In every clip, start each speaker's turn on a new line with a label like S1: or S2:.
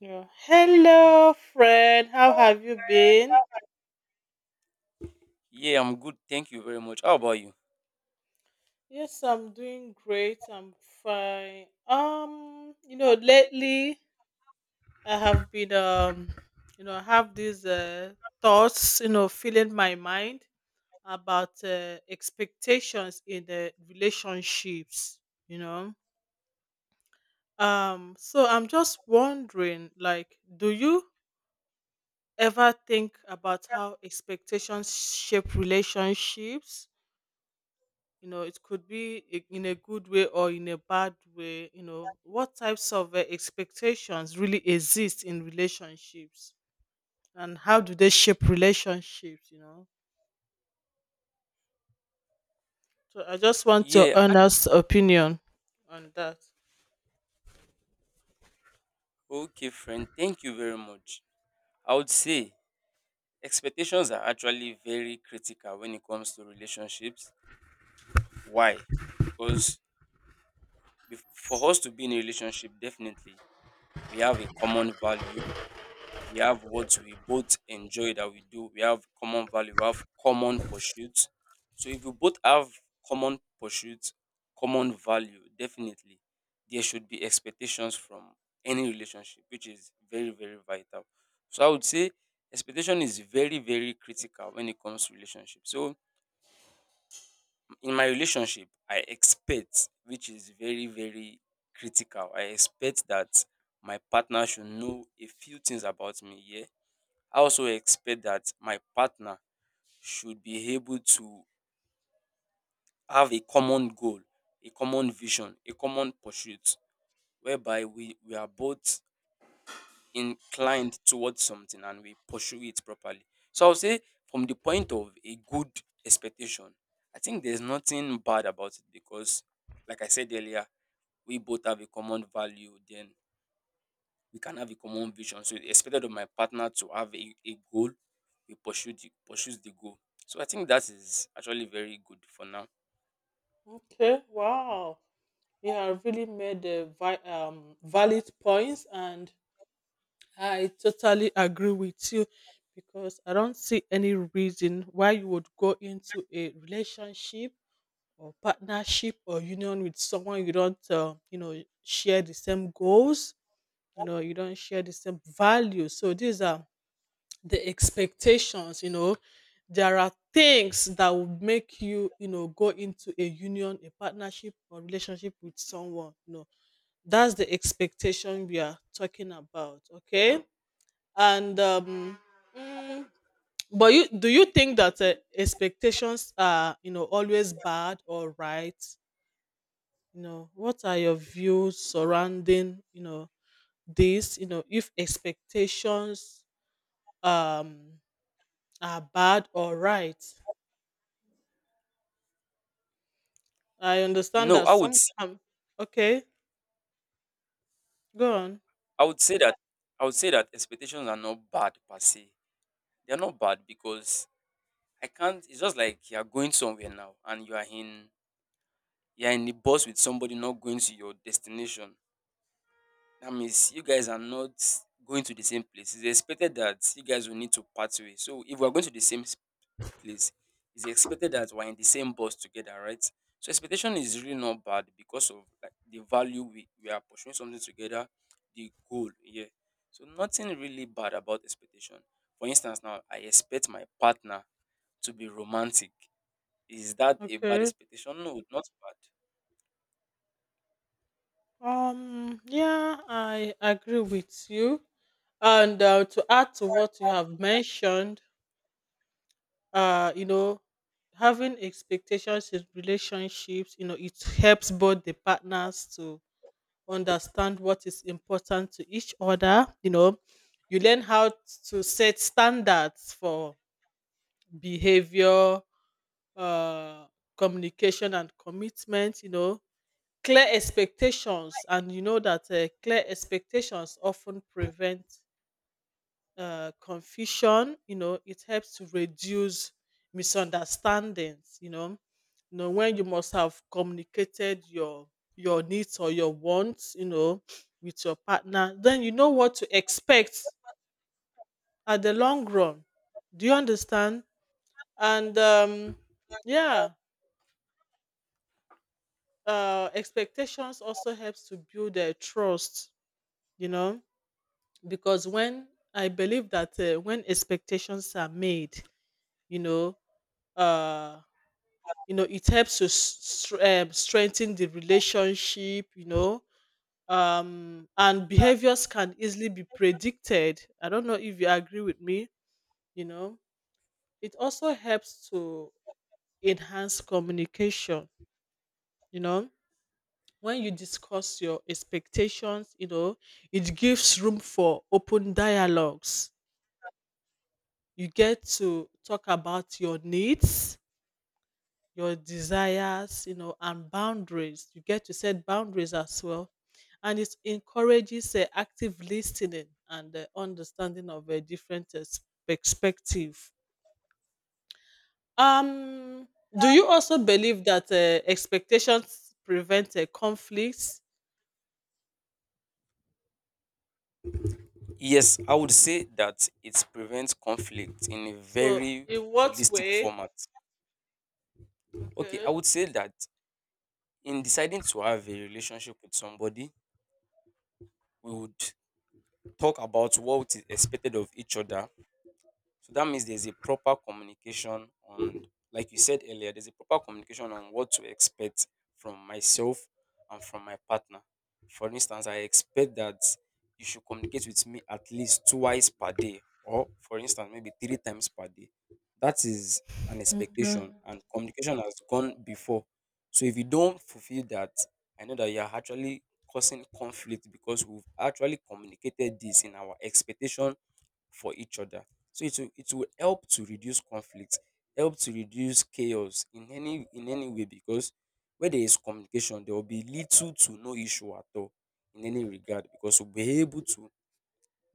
S1: Yeah. Hello, friend. How have you been?
S2: Yeah, I'm good. Thank you very much. How about you?
S1: Yes, I'm doing great. I'm fine. You know, lately I have been you know, I have these thoughts, you know, filling my mind about expectations in the relationships, you know. So I'm just wondering, like, do you ever think about how expectations shape relationships? You know, it could be in a good way or in a bad way. You know, what types of expectations really exist in relationships and how do they shape relationships? You know, so I just want your
S2: Yeah.
S1: honest opinion on that.
S2: Okay, friend. Thank you very much. I would say expectations are actually very critical when it comes to relationships. Why? Because for us to be in a relationship, definitely we have a common value. We have what we both enjoy that we do, we have common value, we have common pursuits. So if we both have common pursuits, common value, definitely there should be expectations from any relationship, which is very very vital. So I would say expectation is very very critical when it comes to relationship. So in my relationship I expect, which is very very critical, I expect that my partner should know a few things about me, yeah. I also expect that my partner should be able to have a common goal, a common vision, a common pursuit, whereby we are both inclined towards something and we pursue it properly. So I'll say from the point of a good expectation, I think there's nothing bad about it because like I said earlier, we both have a common value, then we can have a common vision. So it's expected of my partner to have a goal, we pursue the pursues the goal. So I think that is actually very good for now.
S1: Okay, wow. You have really made a valid points, and I totally agree with you because I don't see any reason why you would go into a relationship or partnership or union with someone you don't you know, share the same goals. You know, you don't share the same values, so these are the expectations. You know, there are things that would make you, you know, go into a union, a partnership, or relationship with someone, you know. That's the expectation we are talking about. Okay. And mm, but you think that expectations are, you know, always bad or right? You know, what are your views surrounding, you know, this, you know, if expectations um are bad or right? I understand
S2: No,
S1: that
S2: I would
S1: some
S2: s-
S1: okay, go on.
S2: I would say that expectations are not bad per se. They are not bad because I can't it's just like you are going somewhere now and you are in the bus with somebody not going to your destination. That means you guys are not going to the same place. It's expected that you guys will need to part way. So if we are going to the same place, it's expected that we're in the same bus together, right? So expectation is really not bad because of like the value, we are pursuing something together, the goal, yeah. So nothing really bad about expectation. For instance, now I expect my partner to be romantic. Is that a bad
S1: Okay.
S2: expectation? No, not bad.
S1: Yeah, I agree with you. And to add to what you have mentioned, you know, having expectations in relationships, you know, it helps both the partners to understand what is important to each other. You know, you learn how to set standards for behavior, uh, communication, and commitment. You know, clear expectations, and you know that clear expectations often prevent confusion. You know, it helps to reduce misunderstandings. You know, you know, when you must have communicated your needs or your wants. You know, with your partner, then you know what to expect at the long run. Do you understand? And yeah, expectations also helps to build a trust. You know, because when I believe that when expectations are made, you know, uh you know, it helps to strengthen the relationship. You know, and behaviors can easily be predicted. I don't know if you agree with me. You know, it also helps to enhance communication. You know, when you discuss your expectations, you know, it gives room for open dialogues. You get to talk about your needs, your desires, you know, and boundaries. You get to set boundaries as well. And it encourages active listening and understanding of a different perspective. Um, do you also believe that expectations prevent conflicts?
S2: Yes, I would say that it prevents conflict in a
S1: So,
S2: very
S1: in what
S2: holistic
S1: way?
S2: format. Okay, I
S1: Okay.
S2: would say that in deciding to have a relationship with somebody, we would talk about what is expected of each other, so that means there's a proper communication on, like you said earlier, there's a proper communication on what to expect from myself and from my partner. For instance, I expect that you should communicate with me at least twice per day, or for instance, maybe three times per day. That is an expectation,
S1: Okay.
S2: and communication has gone before. So if you don't fulfill that, I know that you are actually causing conflict because we've actually communicated this in our expectation for each other. So it will help to reduce conflict, help to reduce chaos in any way, because where there is communication, there will be little to no issue at all in any regard, because we'll be able to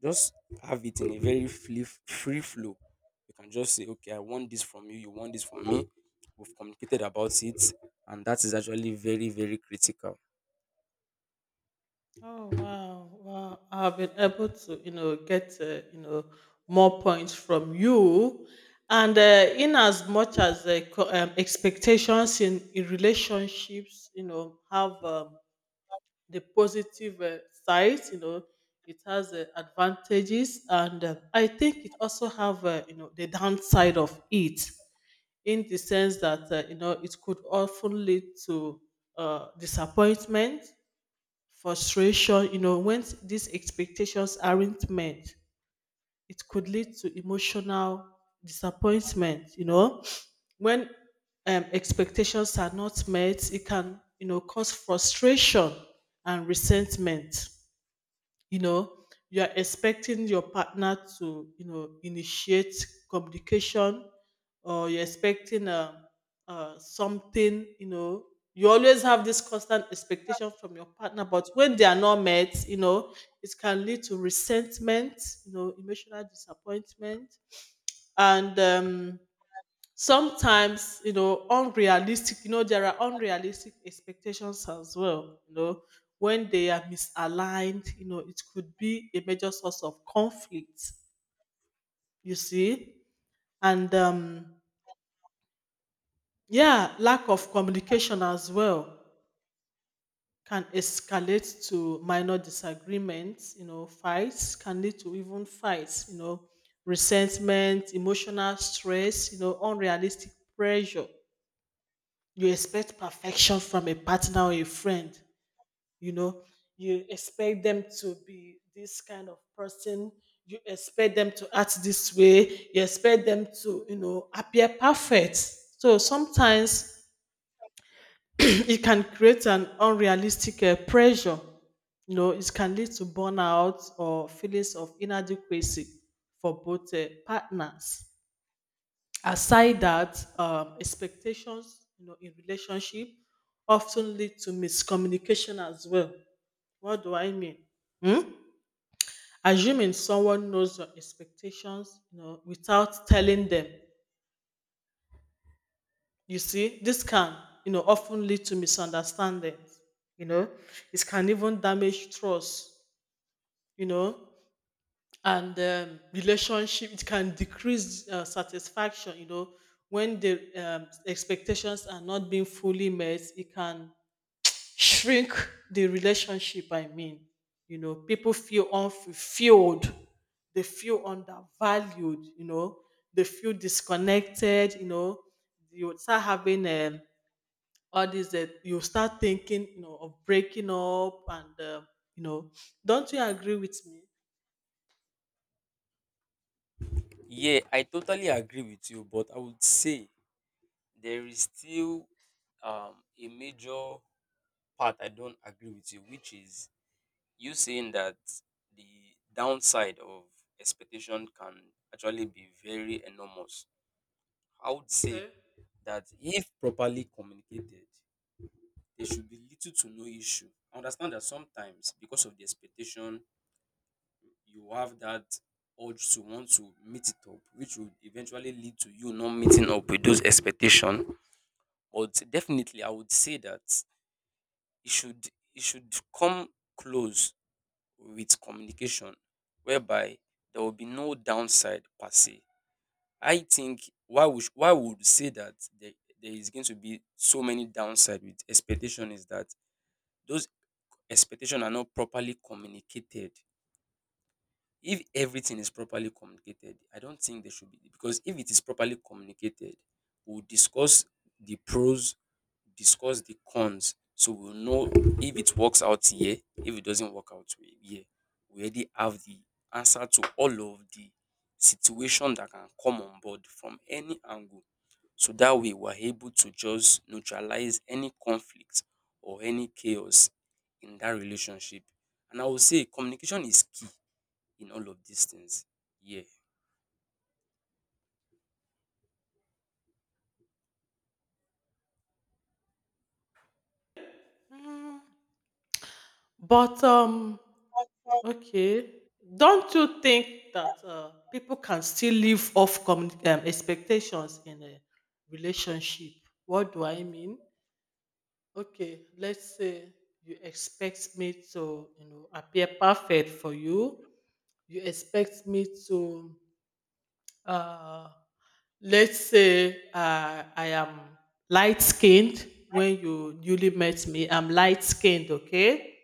S2: just have it in a very free flow. You can just say, okay, I want this from you, you want this from me. We've communicated about it, and that is actually very, very critical.
S1: Oh wow, wow! I've been able to, you know, get you know, more points from you, and in as much as expectations in relationships, you know, have the positive sides, you know, it has advantages, and I think it also have, you know, the downside of it, in the sense that you know, it could often lead to disappointment, frustration. You know, when these expectations aren't met, it could lead to emotional disappointment, you know. When expectations are not met, it can, you know, cause frustration and resentment. You know, you are expecting your partner to, you know, initiate communication, or you're expecting something. You know, you always have this constant expectation from your partner, but when they are not met, you know, it can lead to resentment, you know, emotional disappointment. And sometimes, you know, unrealistic, you know, there are unrealistic expectations as well. You know, when they are misaligned, you know, it could be a major source of conflict. You see? And yeah, lack of communication as well can escalate to minor disagreements. You know, fights can lead to even fights, you know, resentment, emotional stress, you know, unrealistic pressure. You expect perfection from a partner or a friend. You know, you expect them to be this kind of person, you expect them to act this way, you expect them to, you know, appear perfect. So sometimes it can create an unrealistic pressure. You know, it can lead to burnout or feelings of inadequacy for both partners. Aside that, expectations, you know, in relationship often lead to miscommunication as well. What do I mean? Hmm? Assuming someone knows your expectations, you know, without telling them, you see, this can, you know, often lead to misunderstandings. You know, it can even damage trust. You know, and relationship, it can decrease satisfaction. You know, when the expectations are not being fully met, it can shrink the relationship, I mean. You know, people feel unfulfilled, they feel undervalued, you know, they feel disconnected. You know, you start having all this, that you start thinking, you know, of breaking up. And you know, don't you agree with me?
S2: Yeah, I totally agree with you, but I would say there is still a major part I don't agree with you, which is you saying that the downside of expectation can actually be very enormous. I would say
S1: Okay.
S2: that if properly communicated, there should be little to no issue. I understand that sometimes because of the expectation, you have that urge to want to meet it up, which would eventually lead to you not meeting up with those expectations. But definitely I would say that it should it should come close with communication, whereby there will be no downside per se. I think why we would say that there is going to be so many downside with expectation is that those expectation are not properly communicated. If everything is properly communicated, I don't think there should be, because if it is properly communicated, we'll discuss the pros, discuss the cons, so we'll know if it works out here, if it doesn't work out here, we already have the answer to all of the situation that can come on board from any angle. So that way we're able to just neutralize any conflict or any chaos in that relationship. And I will say communication is key in all of these things. Yeah.
S1: Mm. But okay, don't you think that people can still live off expectations in a relationship? What do I mean? Okay, let's say you expect me to, you know, appear perfect for you. You expect me to uh let's say I am light skinned when you newly met me. I'm light skinned, okay?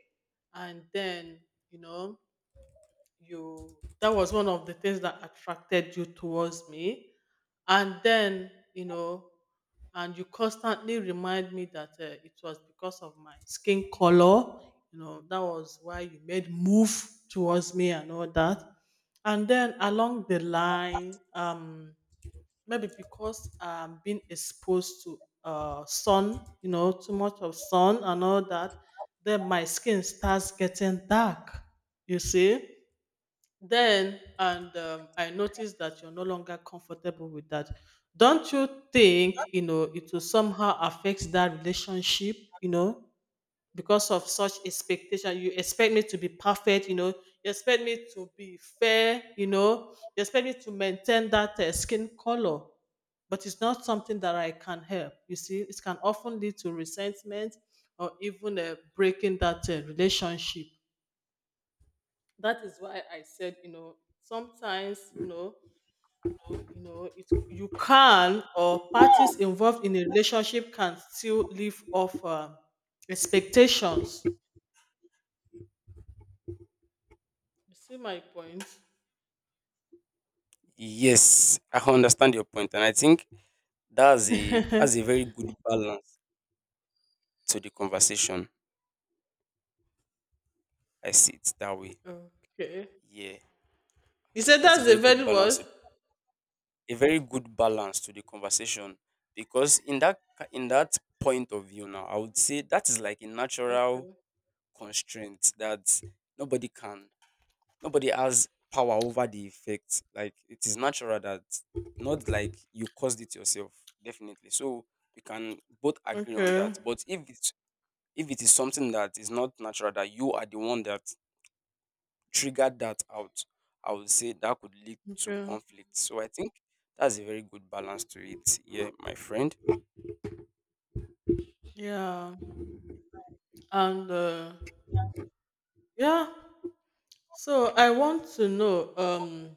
S1: And then, you know, you that was one of the things that attracted you towards me. And then, you know, and you constantly remind me that it was because of my skin color. You know, that was why you made move towards me and all that. And then along the line, maybe because I'm being exposed to sun, you know, too much of sun and all that, then my skin starts getting dark. You see, then, and I noticed that you're no longer comfortable with that. Don't you think, you know, it will somehow affect that relationship, you know, because of such expectation? You expect me to be perfect, you know, you expect me to be fair, you know, you expect me to maintain that skin color, but it's not something that I can help. You see, it can often lead to resentment or even breaking that relationship. That is why I said, you know, sometimes, you know, you know, it you can, or parties involved in a relationship can still live off expectations. You see my point?
S2: Yes, I understand your point, and I think that's a very good balance to the conversation. I see it that way.
S1: Okay.
S2: Yeah,
S1: You
S2: yeah,
S1: said
S2: that's a
S1: that's the
S2: very good
S1: very
S2: balance.
S1: worst.
S2: A very good balance to the conversation, because in that in that point of view now, I would say that is like a natural
S1: Okay.
S2: constraint that nobody can nobody has power over the effect. Like it is natural that not like you caused it yourself, definitely. So we can both agree on that.
S1: Okay.
S2: But if it is something that is not natural, that you are the one that triggered that out, I would say that could lead to
S1: Okay.
S2: conflict. So I think that's a very good balance to it. Yeah, my friend.
S1: Yeah. And yeah. So I want to know.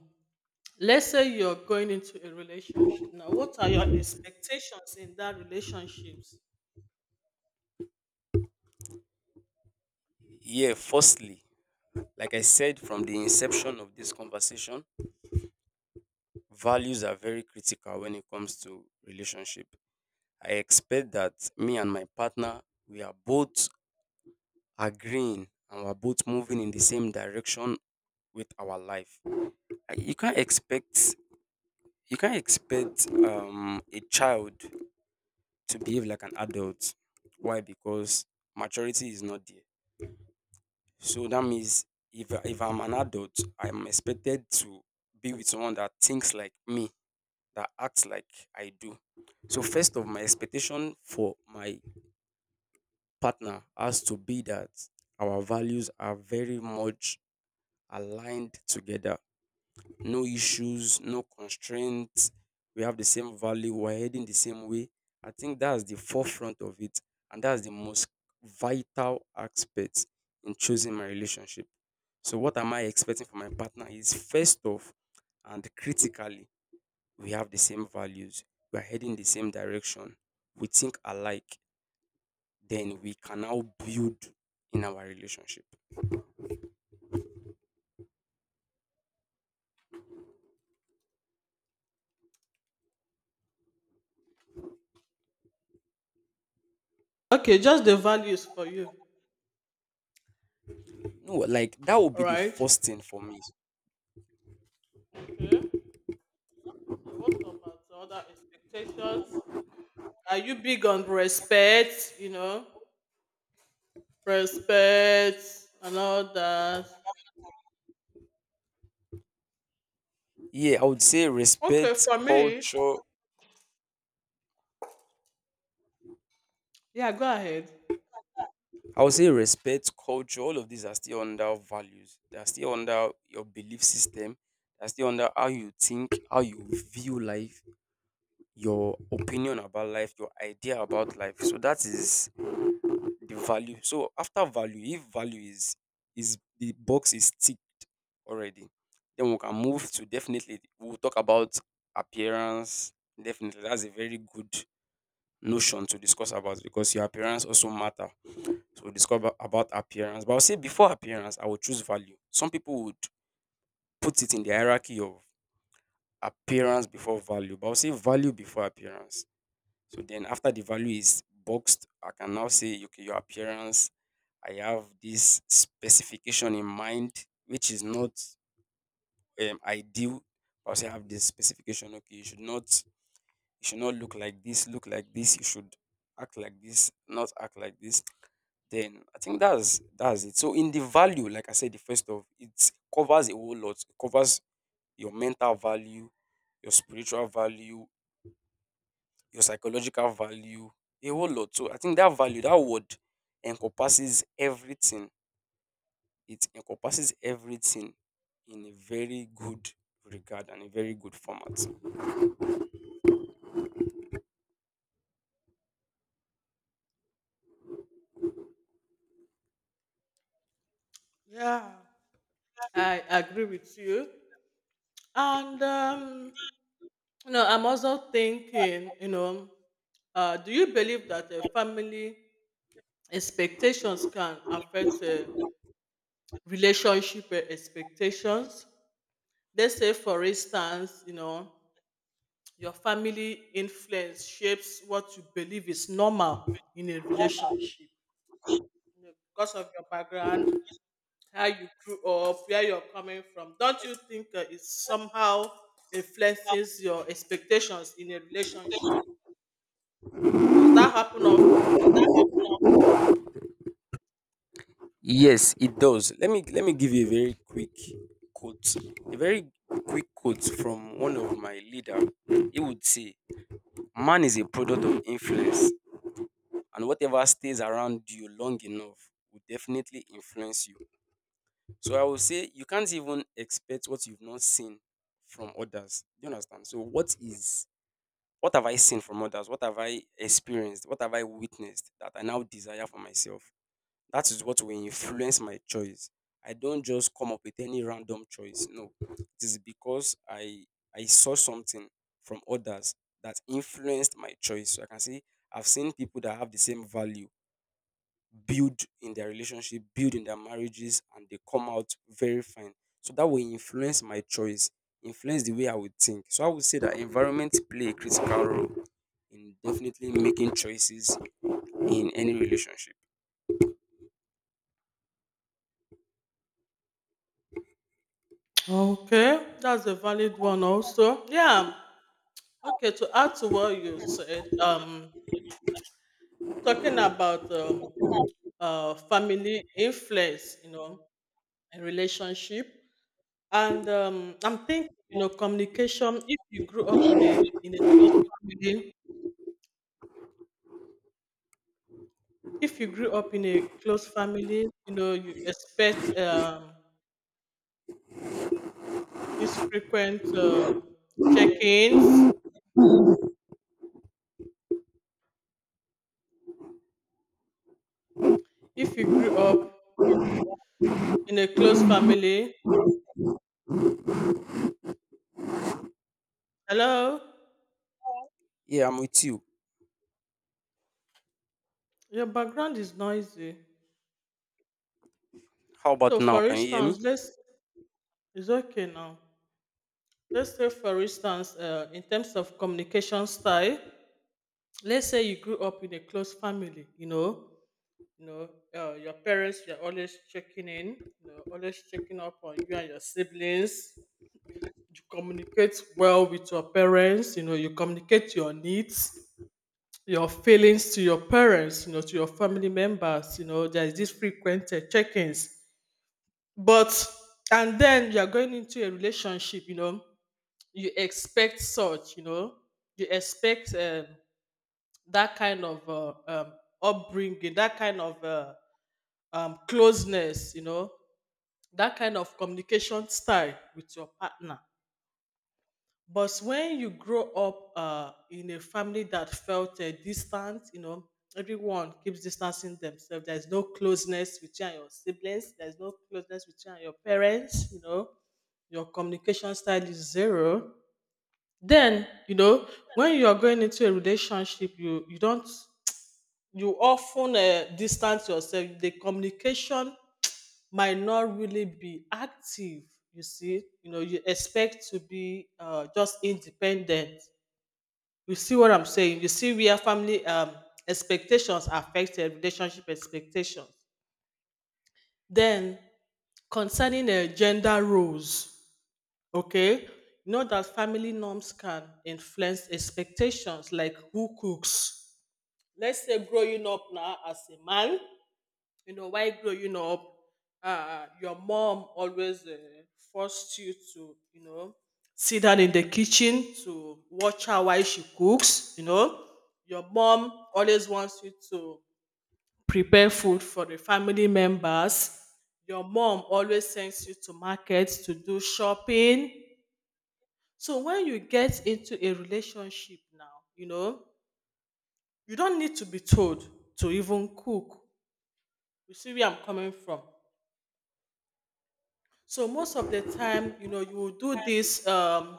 S1: Let's say you're going into a relationship now. What are your expectations in that relationships?
S2: Yeah, firstly, like I said from the inception of this conversation, values are very critical when it comes to relationship. I expect that me and my partner, we are both agreeing and we're both moving in the same direction with our life. You can't expect a child to behave like an adult. Why? Because maturity is not there. So that means if I'm an adult, I'm expected to be with someone that thinks like me, that acts like I do. So first of my expectation for my partner has to be that our values are very much aligned together. No issues, no constraints. We have the same value. We're heading the same way. I think that's the forefront of it. And that's the most vital aspect in choosing my relationship. So, what am I expecting from my partner is first off, and critically, we have the same values. We're heading the same direction. We think alike, then we can now build in our relationship.
S1: Okay, just the values for you.
S2: No, like that would
S1: All
S2: be the
S1: right.
S2: first thing for me.
S1: Okay. So what about the other expectations? Are you big on respect? You know, respect and all that.
S2: Yeah, I would say
S1: Okay,
S2: respect,
S1: for me,
S2: culture.
S1: yeah, go ahead.
S2: I would say respect, culture. All of these are still under values. They are still under your belief system. They're still under how you think, how you view life, your opinion about life, your idea about life. So that is the value. So after value, if value is the box is ticked already. Then we can move to, definitely we'll talk about appearance. Definitely, that's a very good notion to discuss about, because your appearance also matter. So we'll discuss about appearance. But I'll say before appearance, I will choose value. Some people would put it in the hierarchy of appearance before value, but I'll say value before appearance. So then after the value is boxed, I can now say okay, your appearance, I have this specification in mind, which is not ideal. I say have this specification. Okay, you should not look like this, look like this. You should act like this, not act like this. Then I think that's it. So in the value, like I said, the first of it covers a whole lot. It covers your mental value, your spiritual value, your psychological value, a whole lot. So I think that value, that word, encompasses everything. It encompasses everything in a very good regard and a very good format.
S1: Yeah, I agree with you. And you know, I'm also thinking, you know, do you believe that family expectations can affect relationship expectations? Let's say, for instance, you know, your family influence shapes what you believe is normal in a relationship. You know, because of your background, how you grew up, where you're coming from, don't you think it somehow influences your expectations in a relationship? Does that happen often?
S2: Yes, it does. Let me give you a very quick quote. A very quick quote from one of my leader. He would say, "Man is a product of influence, and whatever stays around you long enough will definitely influence you." So I would say you can't even expect what you've not seen from others. Do you understand? So what have I seen from others? What have I experienced? What have I witnessed that I now desire for myself? That is what will influence my choice. I don't just come up with any random choice. No, it is because I saw something from others that influenced my choice. So I can say I've seen people that have the same value build in their relationship, build in their marriages, and they come out very fine. So that will influence my choice, influence the way I would think. So I would say that environment play a critical role in definitely making choices in any relationship.
S1: Okay, that's a valid one also. Yeah. Okay, to add to what you said, talking about family influence, you know, in relationship. And I'm thinking, you know, communication. If you grew up in a close family, if you grew up in a close family, you know, you expect these frequent check-ins. If you grew up in a close family, hello,
S2: Yeah, I'm with you.
S1: your background is noisy.
S2: How about
S1: So,
S2: now?
S1: for
S2: Can you hear
S1: instance,
S2: me?
S1: let's it's okay now. Let's say, for instance, in terms of communication style, let's say you grew up in a close family, you know, your parents, you're always checking in, you know, always checking up on you and your siblings. You communicate well with your parents, you know, you communicate your needs, your feelings to your parents, you know, to your family members. You know, there's this frequent check ins. But, and then you're going into a relationship, you know, you expect such, you know, you expect that kind of upbringing, that kind of closeness, you know, that kind of communication style with your partner. But when you grow up in a family that felt distant, you know, everyone keeps distancing themselves. There's no closeness with you and your siblings. There's no closeness with you and your parents. You know, your communication style is zero. Then, you know, when you are going into a relationship, you don't, you often distance yourself. The communication might not really be active. You see, you know, you expect to be just independent. You see what I'm saying? You see where family expectations affected relationship expectations. Then concerning gender roles, okay, you know that family norms can influence expectations, like who cooks. Let's say growing up now as a man, you know, while growing up, your mom always forced you to, you know, sit down in the kitchen to watch her while she cooks. You know, your mom always wants you to prepare food for the family members. Your mom always sends you to market to do shopping. So when you get into a relationship now, you know, you don't need to be told to even cook. You see where I'm coming from? So most of the time, you know, you will do this um,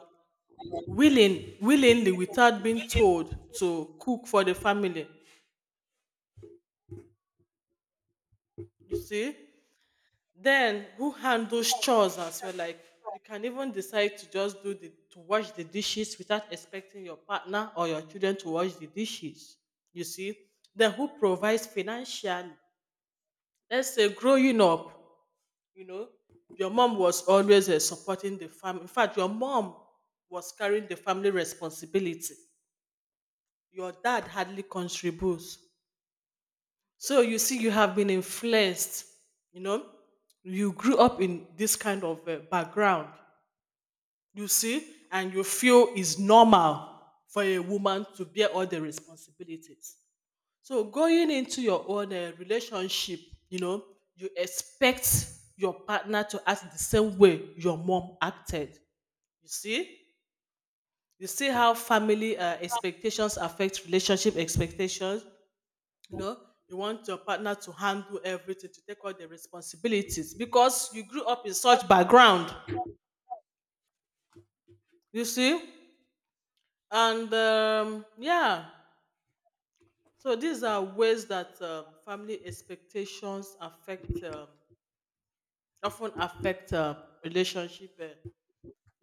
S1: willing, willingly, without being told to cook for the family. You see? Then who handles chores as well? Like, you can even decide to just do the to wash the dishes without expecting your partner or your children to wash the dishes. You see? Then who provides financially? Let's say growing up, you know, your mom was always supporting the family. In fact, your mom was carrying the family responsibility. Your dad hardly contributes. So you see, you have been influenced. You know, you grew up in this kind of background. You see, and you feel it's normal for a woman to bear all the responsibilities. So going into your own relationship, you know, you expect your partner to act the same way your mom acted. You see, you see how family expectations affect relationship expectations. You know, you want your partner to handle everything, to take all the responsibilities because you grew up in such background. You see, and yeah, so these are ways that family expectations affect. Often affect relationship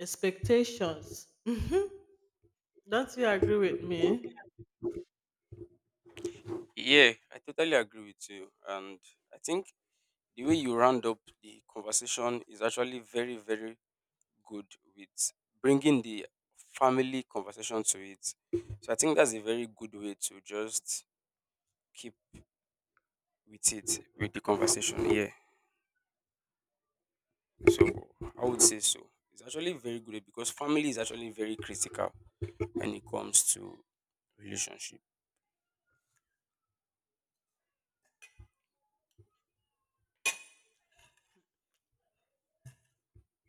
S1: expectations. Don't you agree with me?
S2: Yeah, I totally agree with you. And I think the way you round up the conversation is actually very, very good, with bringing the family conversation to it. So I think that's a very good way to just keep with it, with the conversation. Yeah. So I would say so. It's actually very good because family is actually very critical when it comes to relationship.